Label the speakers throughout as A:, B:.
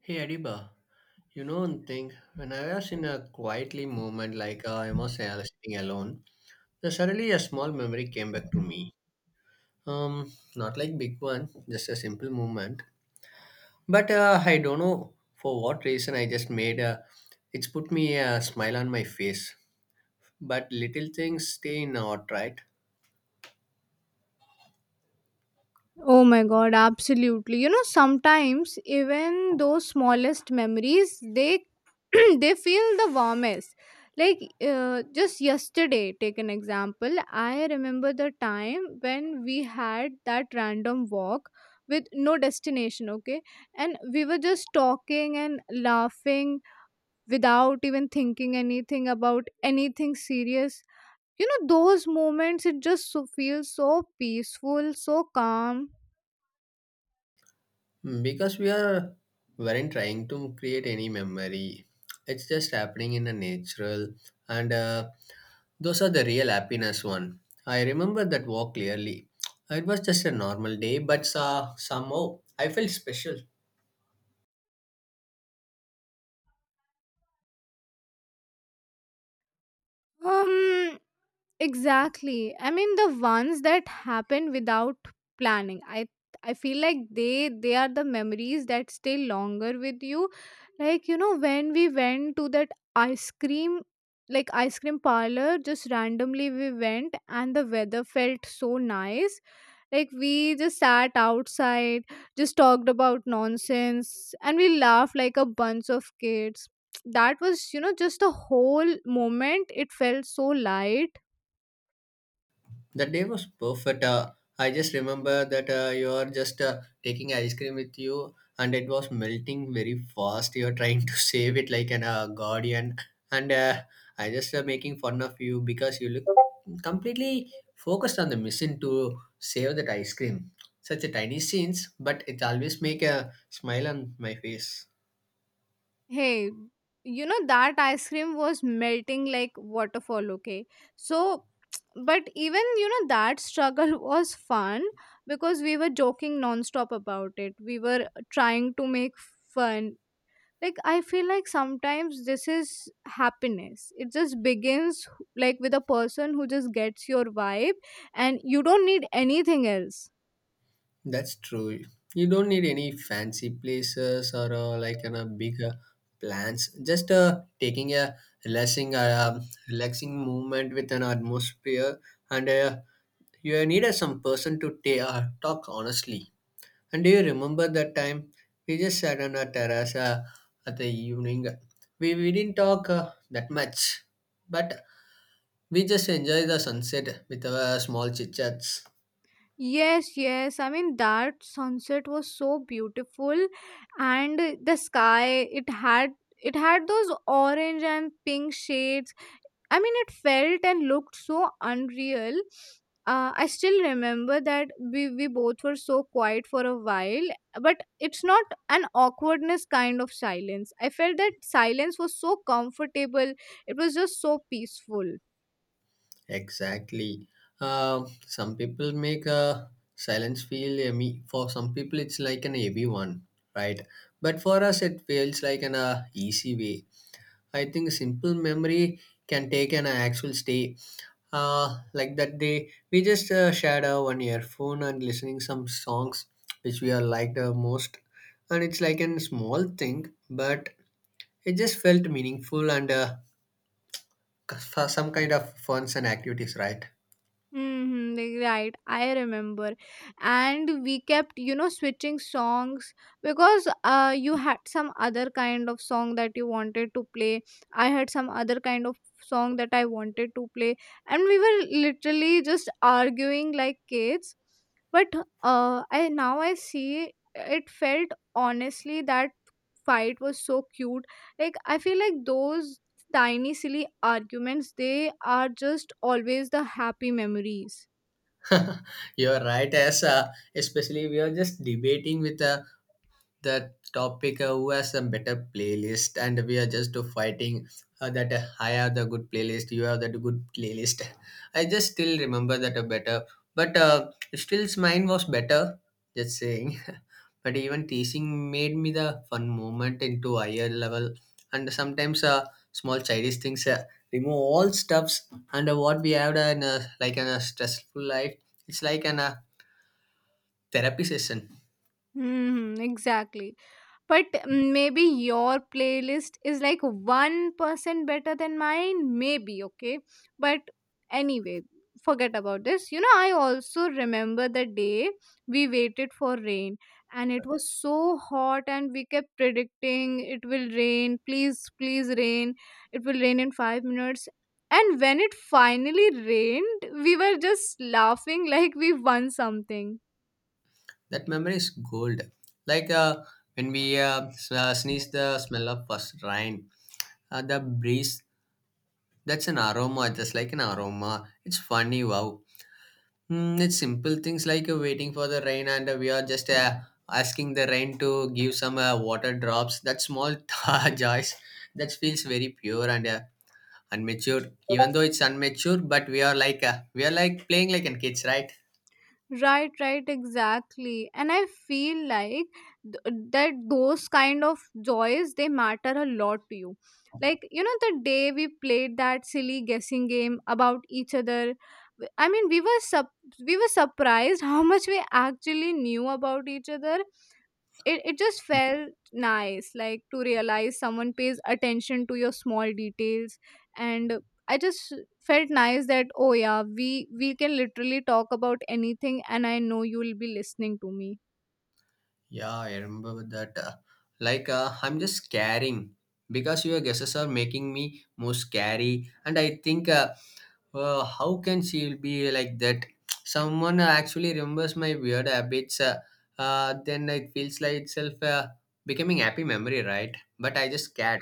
A: Hey Adiba, you know one thing, when I was in a quietly moment I was sitting alone, then suddenly a small memory came back to me. Not like big one, just a simple moment. But I don't know for what reason I just made a, it's put me a smile on my face. But little things stay in our right?
B: Oh my god, absolutely. You know, sometimes even those smallest memories, they they feel the warmest. Like just yesterday, take an example. I remember the time when we had that random walk with no destination, okay? And we were just talking and laughing without even thinking anything about anything serious. You know, those moments, it just so, feels so peaceful, so calm.
A: Mm, because we are weren't trying to create any memory. It's just happening in a natural and those are the real happiness one. I remember that walk clearly. It was just a normal day, but somehow I felt special.
B: Um, exactly. I mean, the ones that happen without planning. I feel like they are the memories that stay longer with you. Like you know, when we went to that ice cream, like ice cream parlor, just randomly we went, and the weather felt so nice. Like we just sat outside, just talked about nonsense, and we laughed like a bunch of kids. That was, you know, just the whole moment. It felt so light.
A: The day was perfect. I just remember that you are just taking ice cream with you, and it was melting very fast. You are trying to save it like an guardian, and I just making fun of you because you look completely focused on the mission to save that ice cream. Such a tiny scenes, but it always make a smile on my face.
B: Hey, you know, that ice cream was melting like waterfall, okay? So, but even, you know, that struggle was fun because we were joking nonstop about it. We were trying to make fun, like I feel like sometimes this is happiness. It just begins like with a person who just gets your vibe, and you don't need anything else.
A: That's true. You don't need any fancy places or like in a big plans. Just taking a relaxing movement with an atmosphere, and you need some person to talk honestly. And do you remember that time we just sat on a terrace at the evening? We didn't talk that much, but we just enjoy the sunset with our small chit chats.
B: Yes, yes, I mean that sunset was so beautiful, and the sky, it had it had those orange and pink shades. I mean, it felt and looked so unreal. I still remember that we both were so quiet for a while, but it's not an awkwardness kind of silence. I felt that silence was so comfortable, it was just so peaceful.
A: Exactly. Some people make a silence feel yummy. For some people, it's like an heavy one, right? But for us, it feels like an easy way. I think simple memory can take an actual stay. Like that day, we just shared our one earphone and listening some songs which we are liked the most, and it's like a small thing, but it just felt meaningful and For some kind of funs and activities, right?
B: Mhm, like, right. I remember. And we kept, you know, switching songs because you had some other kind of song that you wanted to play. I had some other kind of song that I wanted to play. And we were literally just arguing like kids. But I now I see it felt honestly that fight was so cute. Like I feel like those tiny silly arguments, they are just always the happy memories.
A: You're right, as especially we are just debating with a. The topic who has a better playlist and we are just fighting that I have the good playlist you have that good playlist I just still remember that better but still mine was better, just saying. But even teasing made me the fun moment into higher level, and sometimes small childish things remove all stuffs and what we have done like in a stressful life, it's like an therapy session.
B: Hmm, exactly. But maybe your playlist is like 1% better than mine, maybe, okay, but anyway, forget about this. You know, I also remember the day we waited for rain, and it was so hot, and we kept predicting it will rain, please please rain, it will rain in five minutes. And when it finally rained, we were just laughing like we won something.
A: That memory is gold. Like when we sneeze the smell of first rain, the breeze, that's an aroma, just like an aroma. It's funny, wow. Mm, it's simple things like waiting for the rain and we are just asking the rain to give some water drops. That small joys, that feels very pure and unmatured. Even though it's unmatured, but we are like playing like an kids, right?
B: Right, right, exactly. And I feel like that those kind of joys, they matter a lot to you. Like, you know, the day we played that silly guessing game about each other, I mean, we were we were surprised how much we actually knew about each other. It just felt nice, like to realize someone pays attention to your small details. And I just felt nice that, oh yeah, we can literally talk about anything, and I know you'll be listening to me.
A: Yeah, I remember that. I'm just scaring because your guesses are making me more scary. And I think, how can she be like that? Someone actually remembers my weird habits. Then it feels like itself becoming happy memory, right? But I just scared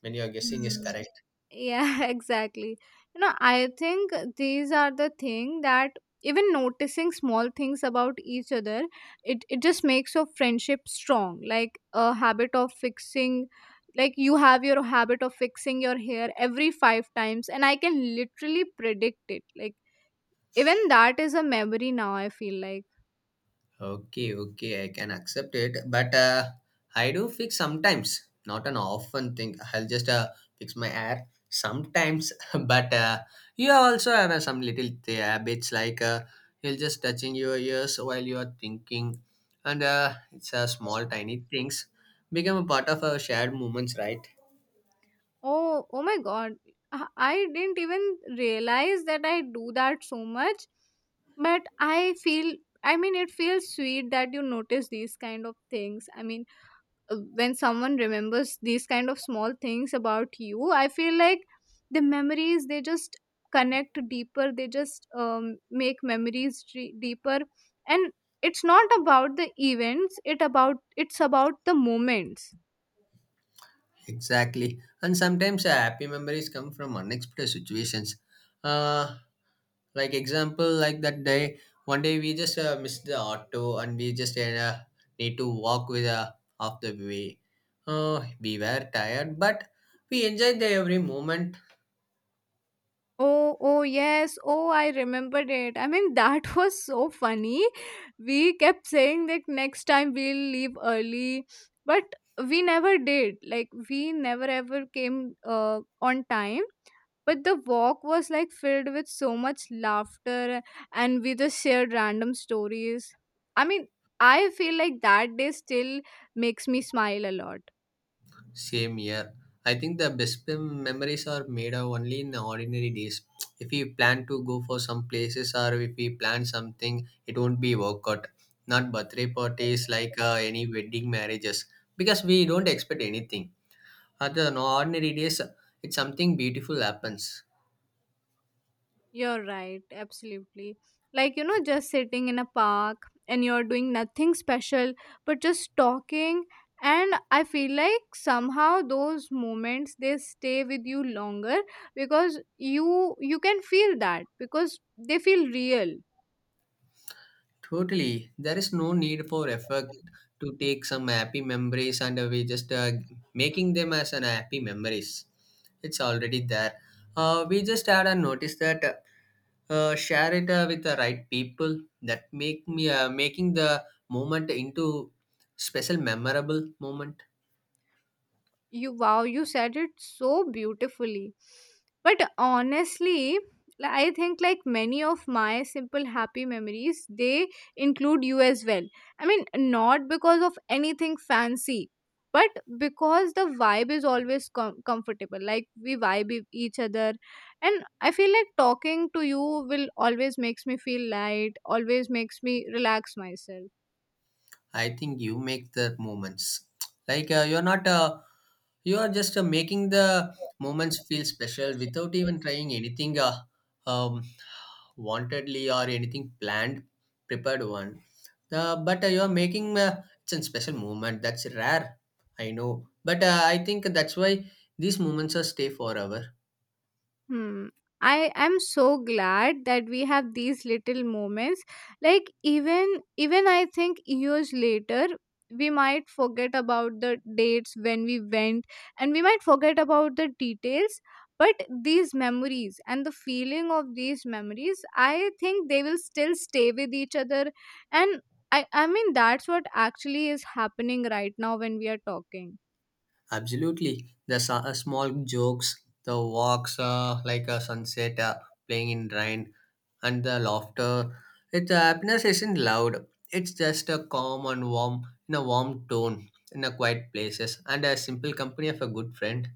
A: when your guessing is
B: Hmm.
A: correct.
B: Yeah, exactly. You know, I think these are the thing that, even noticing small things about each other, it just makes your friendship strong, like a habit of fixing, like you have your habit of fixing your hair every five times, and I can literally predict it. Like even that is a memory now, I feel like.
A: Okay, okay, I can accept it, but I do fix sometimes, not an often thing. I'll just fix my hair sometimes, but you also have some little habits like you'll just touching your ears while you are thinking, and it's small tiny things become a part of our shared moments, right?
B: Oh, oh my God. I didn't even realize that I do that so much. But I feel, I mean, it feels sweet that you notice these kind of things. I mean, when someone remembers these kind of small things about you, I feel like the memories, they just connect deeper, they just make memories deeper. And it's not about the events, it about it's about the moments.
A: Exactly. And sometimes happy memories come from unexpected situations. Uh, like example, like that day, one day we just missed the auto and we just need to walk with half the way. We were tired, but we enjoyed the every moment.
B: Oh, oh, yes. Oh, I remembered it. I mean, that was so funny. We kept saying that next time we'll leave early, but we never did. Like, we never ever came on time. But the walk was like filled with so much laughter, and we just shared random stories. I mean, I feel like that day still makes me smile a lot.
A: Same year. I think the best memories are made of only in ordinary days. If we plan to go for some places or if we plan something, it won't be work out. Not birthday parties like any wedding marriages because we don't expect anything. Other than ordinary days, it's something beautiful happens.
B: You're right, absolutely. Like, you know, just sitting in a park and you're doing nothing special, but just talking. And I feel like somehow those moments, they stay with you longer because you can feel that, because they feel real.
A: Totally. There is no need for effort to take some happy memories and we just making them as an happy memories. It's already there. We just had a notice that share it with the right people that make me making the moment into special memorable moment.
B: You, wow, you said it so beautifully. But honestly, I think like many of my simple happy memories, they include you as well. I mean, not because of anything fancy, but because the vibe is always comfortable, like we vibe with each other. And I feel like talking to you will always makes me feel light, always makes me relax myself.
A: I think you make the moments. Like you're not You are just making the moments feel special without even trying anything um, wantedly or anything planned, prepared one. But you are making it's a special moment. That's rare, I know. But I think that's why these moments are stay forever.
B: Hmm. I am so glad that we have these little moments. Like even I think years later we might forget about the dates when we went, and we might forget about the details, but these memories and the feeling of these memories, I think they will still stay with each other. And I mean that's what actually is happening right now when we are talking.
A: Absolutely, the small jokes, the walks, like a sunset, playing in rain, and the laughter. Its happiness isn't loud. It's just a calm and warm, in a warm tone, in a quiet places, and a simple company of a good friend.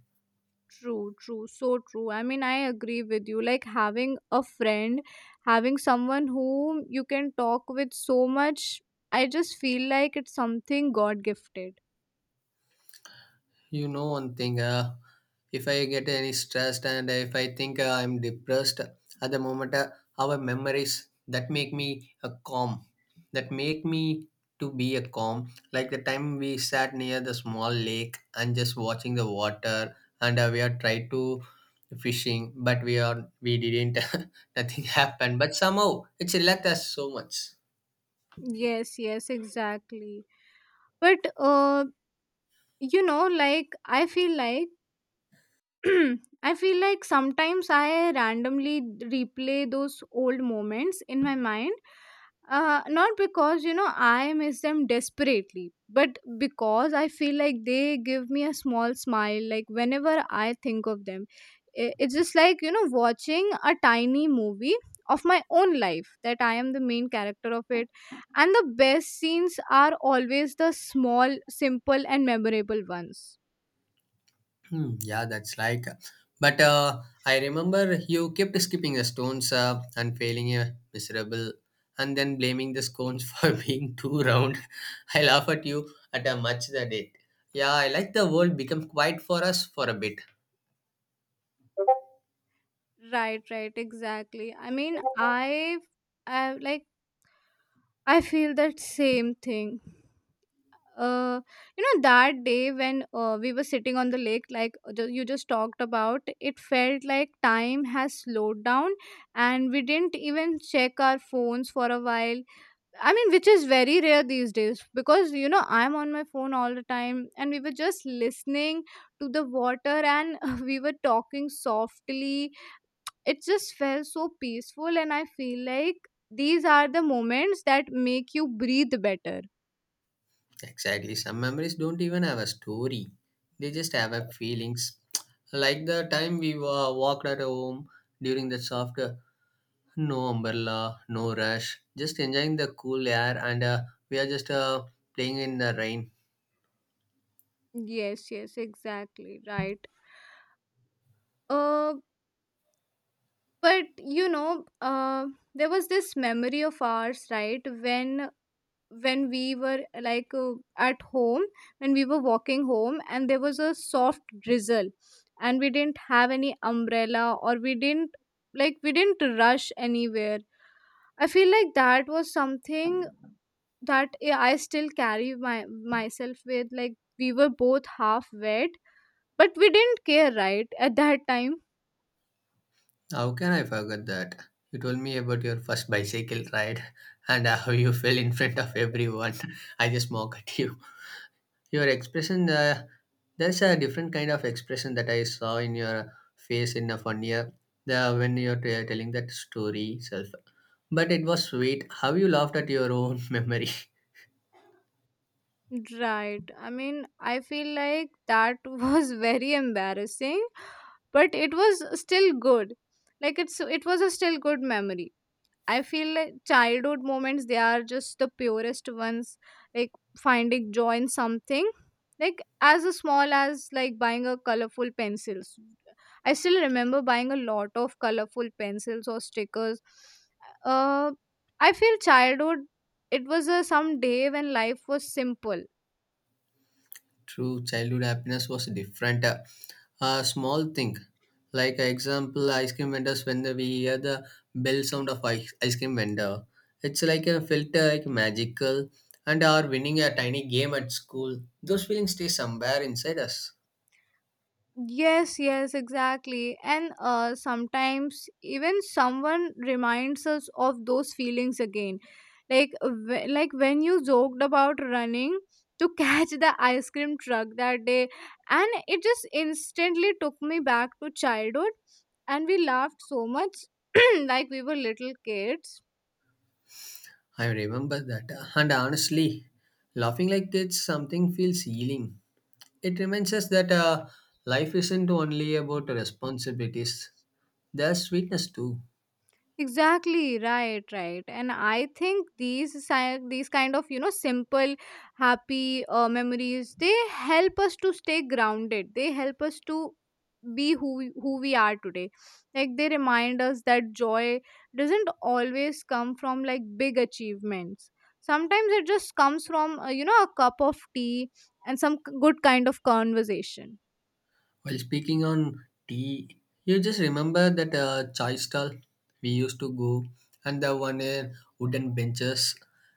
B: True, true, so true. I mean, I agree with you. Like having a friend, having someone whom you can talk with so much, I just feel like it's something God gifted.
A: You know one thing, if I get any stressed and if I think I'm depressed at the moment, our memories that make me a calm, that make me to be a calm. Like the time we sat near the small lake and just watching the water, and we are tried to fishing, but we are we didn't, nothing happened. But somehow it's relaxed us so much.
B: Yes, yes, exactly. But you know, like I feel like, hmm, I feel like sometimes I randomly replay those old moments in my mind. Not because, you know, I miss them desperately, but because I feel like they give me a small smile, like whenever I think of them. It's just like, you know, watching a tiny movie of my own life that I am the main character of it. And the best scenes are always the small, simple, and memorable ones.
A: Hmm, yeah, that's like. But I remember you kept skipping the stones and failing a miserable, and then blaming the scones for being too round. I laugh at you at a much the date. Yeah, I like the world become quiet for us for a bit.
B: Right, right, exactly. I mean, I like, I feel that same thing. Uh, you know, that day when we were sitting on the lake, like you just talked about, it felt like time has slowed down, and we didn't even check our phones for a while. I mean, which is very rare these days because you know I'm on my phone all the time, and we were just listening to the water, and we were talking softly. It just felt so peaceful, and I feel like these are the moments that make you breathe better.
A: Exactly. Some memories don't even have a story; they just have a feelings. Like the time we walked at home during the soft. No umbrella, no rush, just enjoying the cool air, and we are just playing in the rain.
B: Yes, yes, exactly, right. uh but you know, there was this memory of ours, right, when we were like at home, when we were walking home and there was a soft drizzle, and we didn't have any umbrella, or we didn't, like, we didn't rush anywhere. I feel like that was something that I still carry my myself with. Like we were both half wet, but we didn't care, right? At that time,
A: How can I forget that? You told me about your first bicycle ride and how you fell in front of everyone. I just mock at you. Your expression, there's a different kind of expression that I saw in your face in a funnier the, when you're telling that story self. But it was sweet. How you laughed at your own memory.
B: right? I mean, I feel like that was very embarrassing, but it was still good. Like it's it was a still good memory. I feel like childhood moments, they are just the purest ones, like finding joy in something. Like as small as like buying a colorful pencils. I still remember buying a lot of colorful pencils or stickers. Uh I feel childhood, it was a some day when life was simple.
A: True childhood happiness was different. A small thing, like example, ice cream vendors. When we hear the bell sound of ice cream vendor, it's like a filter, like magical. And our winning a tiny game at school. Those feelings stay somewhere inside us.
B: Yes, yes, exactly. And sometimes even someone reminds us of those feelings again. Like like when you joked about running to catch the ice cream truck that day, and it just instantly took me back to childhood, and we laughed so much like we were little kids.
A: I remember that. And honestly, laughing like kids, something feels healing. It reminds us that life isn't only about responsibilities. There's sweetness too.
B: Exactly, right, right. And I think these these kind of, you know, simple happy memories, they help us to stay grounded. They help us to be who who we are today. Like they remind us that joy doesn't always come from like big achievements. Sometimes it just comes from, you know, a cup of tea and some good kind of conversation.
A: While speaking on tea, you just remember that chai stall we used to go and the one in wooden benches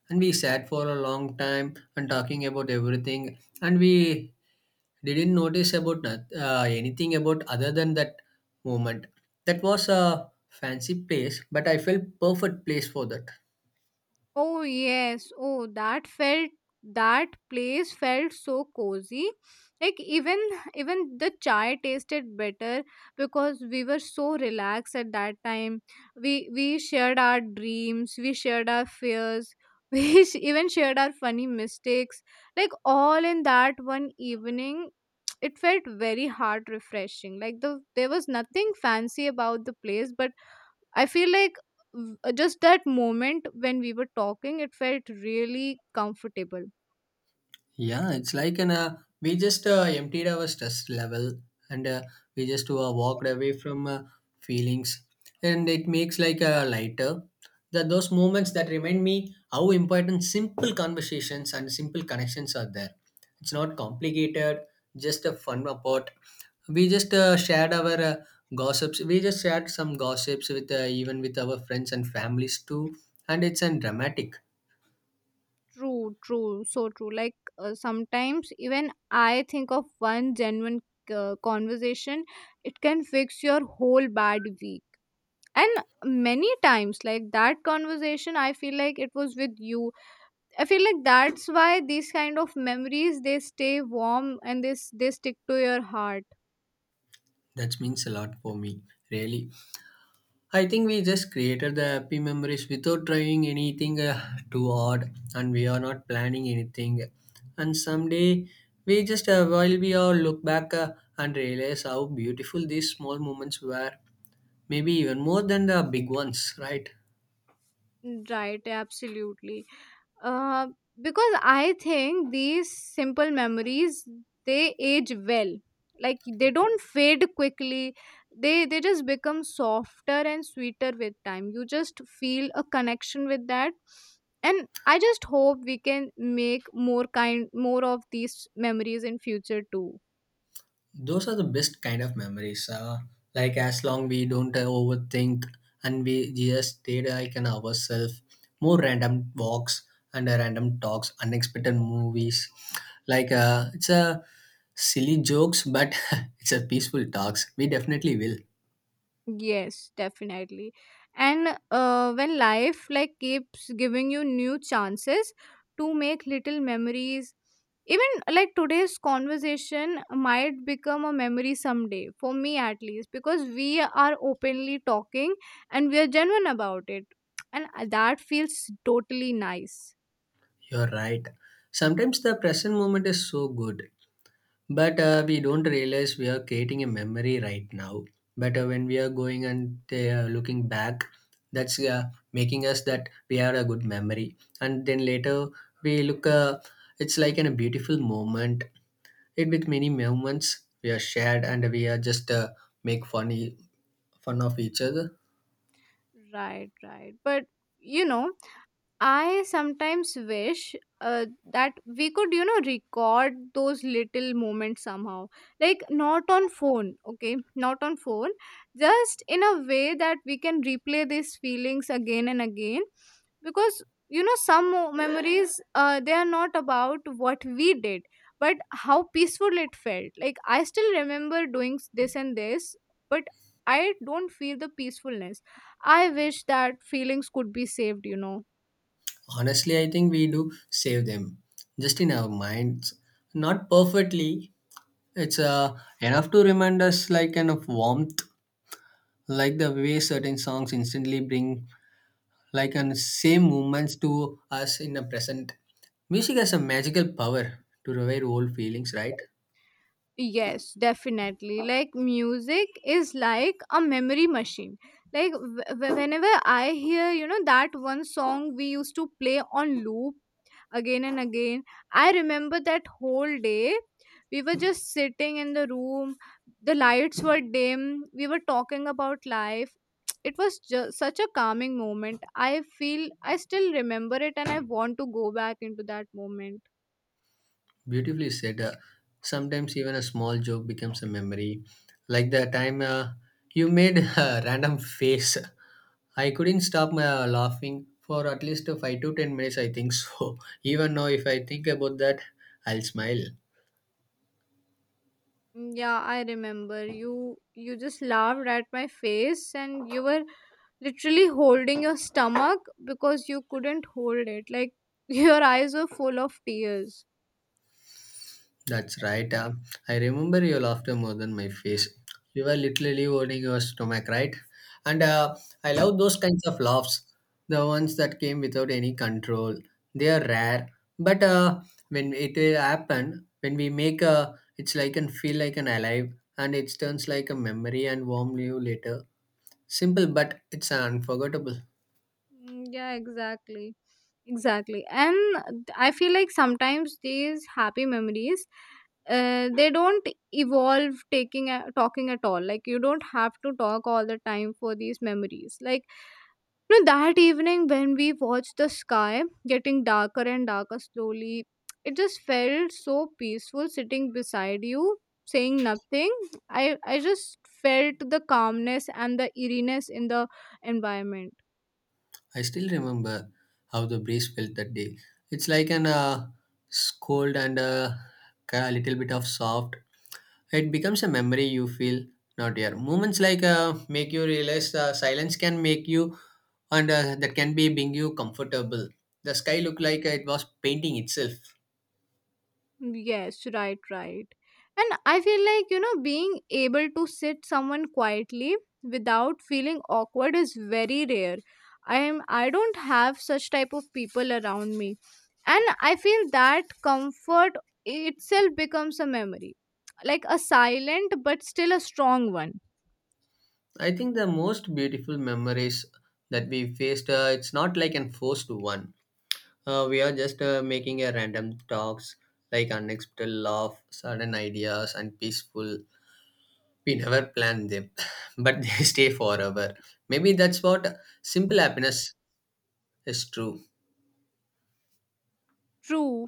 A: and we sat for a long time and talking about everything and we didn't notice about anything about other than that moment. That was a fancy place, but I felt perfect place for that.
B: Oh yes, oh that felt, that place felt so cozy. Like even the chai tasted better because we were so relaxed at that time. We shared our dreams, we shared our fears, we even shared our funny mistakes. Like all in that one evening, it felt very heart refreshing. Like the there was nothing fancy about the place, but I feel like just that moment when we were talking, it felt really comfortable.
A: Yeah, it's like an we just emptied our stress level and we just walked away from feelings, and it makes like a lighter. That those moments that remind me how important simple conversations and simple connections are there. It's not complicated, just a fun part. We just shared our gossips. We just shared some gossips with even with our friends and families too, and it's an dramatic.
B: True, true, so true. Like sometimes even I think of one genuine conversation, it can fix your whole bad week. And many times, like that conversation, I feel like it was with you. I feel like that's why these kind of memories, they stay warm and they they stick to your heart.
A: That means a lot for me, really. I think we just created the happy memories without trying anything too hard, and we are not planning anything. And someday we just while we all look back and realize how beautiful these small moments were, maybe even more than the big ones, right?
B: Mm, right, absolutely. Uh, because I think these simple memories, they age well. Like they don't fade quickly. They just become softer and sweeter with time. You just feel a connection with that. And I just hope we can make more of these memories in future too.
A: Those are the best kind of memories, like as long we don't overthink and we just stay like in ourselves. More random walks and random talks, unexpected movies, like it's a silly jokes, but it's a peaceful talks we definitely will.
B: Yes, definitely. And when life like keeps giving you new chances to make little memories, even like today's conversation might become a memory someday for me at least because we are openly talking and we are genuine about it, and that feels totally nice.
A: You're right, sometimes the present moment is so good, but we don't realize we are creating a memory right now. But when we are going and they looking back, that's making us that we are a good memory, and then later we look, it's like in a beautiful moment, it with many moments we are shared, and we are just make funny, fun of each other.
B: Right, right, but you know, I sometimes wish uh, that we could, you know, record those little moments somehow. Like, not on phone, okay? Not on phone. Just in a way that we can replay these feelings again and again. Because, you know, some memories, they are not about what we did, but how peaceful it felt. Like, I still remember doing this and this, but I don't feel the peacefulness. I wish that feelings could be saved, you know.
A: Honestly, I think we do save them, just in our minds, not perfectly. It's enough to remind us like kind of warmth, like the way certain songs instantly bring like and same moments to us in the present. Music has a magical power to revive old feelings, right?
B: Yes, definitely. Like music is like a memory machine. Like whenever I hear, you know, that one song we used to play on loop again and again, I remember that whole day. We were just sitting in the room, the lights were dim, we were talking about life. It was just such a calming moment. I feel I still remember it and I want to go back into that moment.
A: Beautifully said. Sometimes even a small joke becomes a memory, like the time you made a random face. I couldn't stop laughing for at least 5 to 10 minutes, I think so. Even now if I think about that, I'll smile.
B: Mm, yeah, I remember. You just laughed at my face and you were literally holding your stomach because you couldn't hold it. Like your eyes were full of tears.
A: That's right. I remember your laughter more than my face. You were literally owning your stomach, right? And I love those kinds of laughs, the ones that came without any control. They are rare, but when it will happen, when we make a, it's like and feel like an alive, and it turns like a memory and warm you later. Simple, but it's unforgettable.
B: Mm, yeah, exactly. Exactly. And I feel like sometimes these happy memories, they don't evolve taking a, talking at all, like you don't have to talk all the time for these memories. Like, you know that evening when we watched the sky getting darker and darker slowly, it just felt so peaceful sitting beside you, saying nothing. I just felt the calmness and the eeriness in the environment.
A: I still remember how the breeze felt that day. It's like an cold and a little bit of soft. It becomes a memory you feel not here. Moments like make you realize silence can make you and that can be being you comfortable. The sky looked like it was painting itself.
B: Yes, right, right. And I feel like, you know, being able to sit someone quietly without feeling awkward is very rare. I don't have such type of people around me. And I feel that comfort itself becomes a memory. Like a silent but still a strong one.
A: I think the most beautiful memories that we faced, it's not like an forced one. We are just making a random talks, like unexpected laugh, sudden ideas, and peaceful. We never plan them, but they stay forever. Maybe that's what simple happiness is true.
B: True.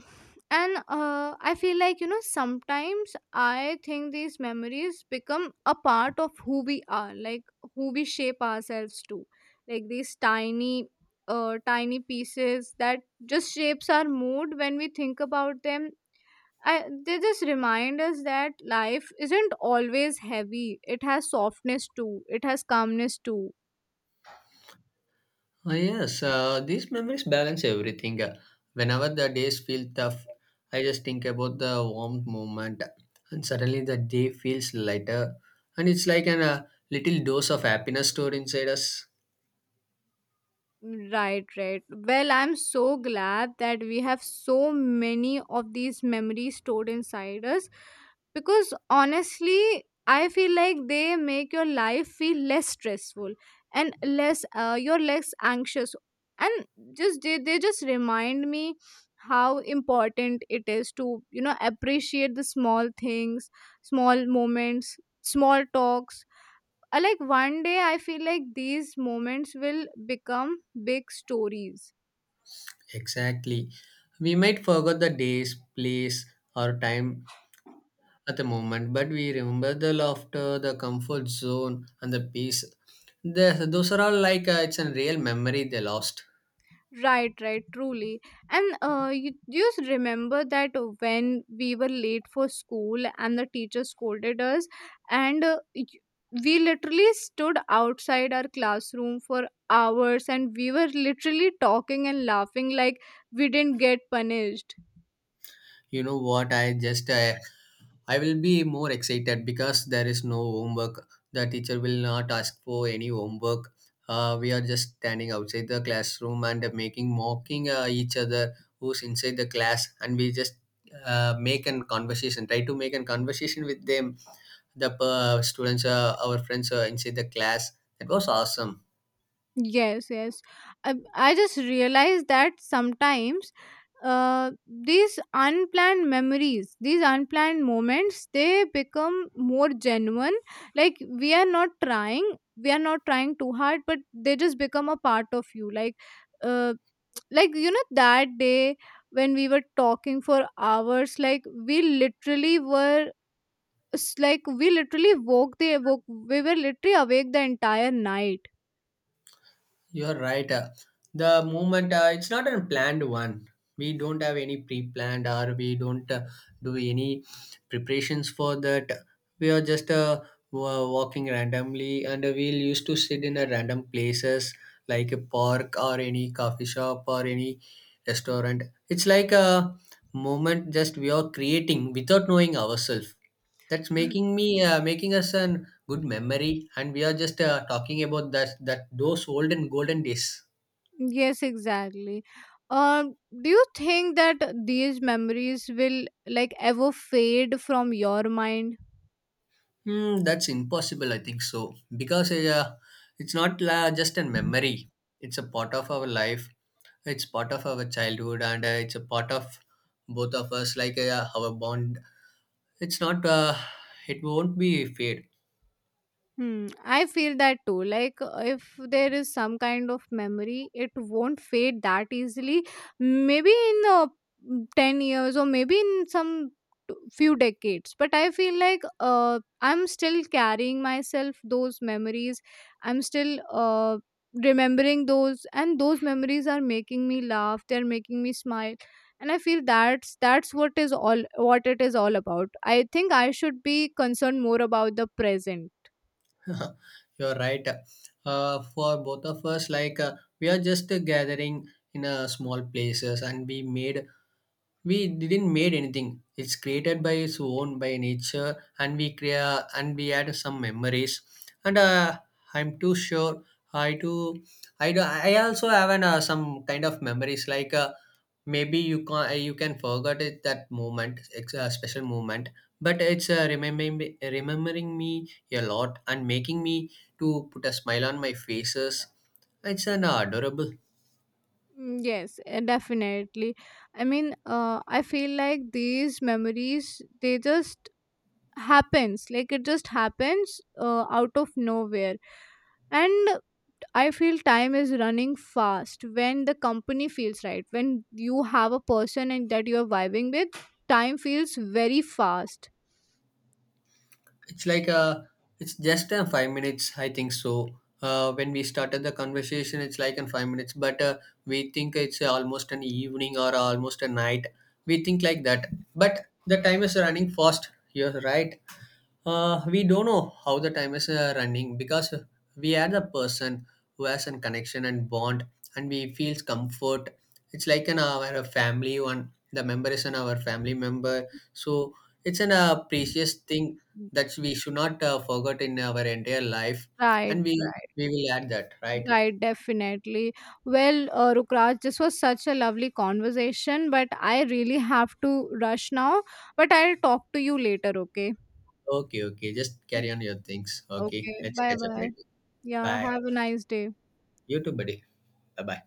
B: And I feel like, you know, sometimes I think these memories become a part of who we are, like who we shape ourselves to. Like these tiny pieces that just shapes our mood when we think about them. I, they just remind us that life isn't always heavy. It has softness too. It has calmness too.
A: Ah yes, these memories balance everything. Whenever the days feel tough, I just think about the warm moment, and suddenly the day feels lighter, and it's like an, a little dose of happiness stored inside us.
B: Right, right. Well, I'm so glad that we have so many of these memories stored inside us, because honestly, I feel like they make your life feel less stressful and less, you're less anxious. And just they just remind me how important it is to, you know, appreciate the small things, small moments, small talks. Uh, like one day I feel like these moments will become big stories.
A: Exactly. We might forget the days, place, or time at the moment, but we remember the laughter, the comfort zone, and the peace. The, those are all like it's a real memory they lost.
B: Right, right, truly. And you just remember that when we were late for school and the teacher scolded us, and we literally stood outside our classroom for hours and we were literally talking and laughing like we didn't get punished.
A: You know what? I just I will be more excited because there is no homework. The teacher will not ask for any homework. We are just standing outside the classroom and making mocking each other who's inside the class, and we just make an conversation. Try to make a conversation with them. The students, our friends, inside the class. That was awesome.
B: Yes, yes. I just realized that sometimes these unplanned memories, these unplanned moments, they become more genuine. Like, we are not trying too hard, but they just become a part of you. Uh, like you know that day when we were talking for hours, like we literally were we were literally awake the entire night.
A: You're right. The movement, it's not a planned one. We don't have any pre-planned, or we don't do any preparations for that. We are just walking randomly, and we'll used to sit in a random places like a park or any coffee shop or any restaurant. It's like a moment just we are creating without knowing ourselves. That's making me making us a good memory, and we are just talking about that those olden golden days.
B: Yes, exactly. Um, do you think that these memories will like ever fade from your mind?
A: Hmm, that's impossible, I think so, because it's not la just a memory. It's a part of our life. It's part of our childhood, and it's a part of both of us, like our bond. It's not. It won't be fade.
B: Hmm, I feel that too. Like, if there is some kind of memory, it won't fade that easily. Maybe in 10 years or maybe in some few decades. But I feel like I'm still carrying myself those memories. I'm still remembering those, and those memories are making me laugh, they're making me smile. And I feel that's what is all what it is all about. I think I should be concerned more about the present.
A: You're right. For both of us, like we are just gathering in small places, and we didn't made anything, it's created by its own by nature, and we create and we add some memories, and I'm too sure. I do i do i also have an, some kind of memories like maybe you can forget it that moment, it's a special moment, but it's remembering me a lot and making me to put a smile on my faces. It's an adorable.
B: Mm, yes, definitely. I mean, I feel like these memories they just happens, like it just happens out of nowhere. And I feel time is running fast. When the company feels right, when you have a person and that you are vibing with, time feels very fast.
A: It's like a, it's just 5 minutes, I think so. When we started the conversation, it's like in 5 minutes, but we think it's almost an evening or almost a night. We think like that, but the time is running fast. You're right. We don't know how the time is running, because we are the person who has a connection and bond, and we feels comfort. It's like an our family one, the member is an our family member. So it's an precious thing that we should not forget in our entire life.
B: Right,
A: And
B: right.
A: we will add that, right?
B: Right, definitely. Well, Rukraj, this was such a lovely conversation, but I really have to rush now. But I'll talk to you later, okay?
A: Okay, okay. Just carry on your things. Okay.
B: Okay,
A: Let's
B: bye
A: catch up
B: bye.
A: later.
B: Yeah,
A: Bye.
B: have a nice day.
A: You too, buddy. Bye bye.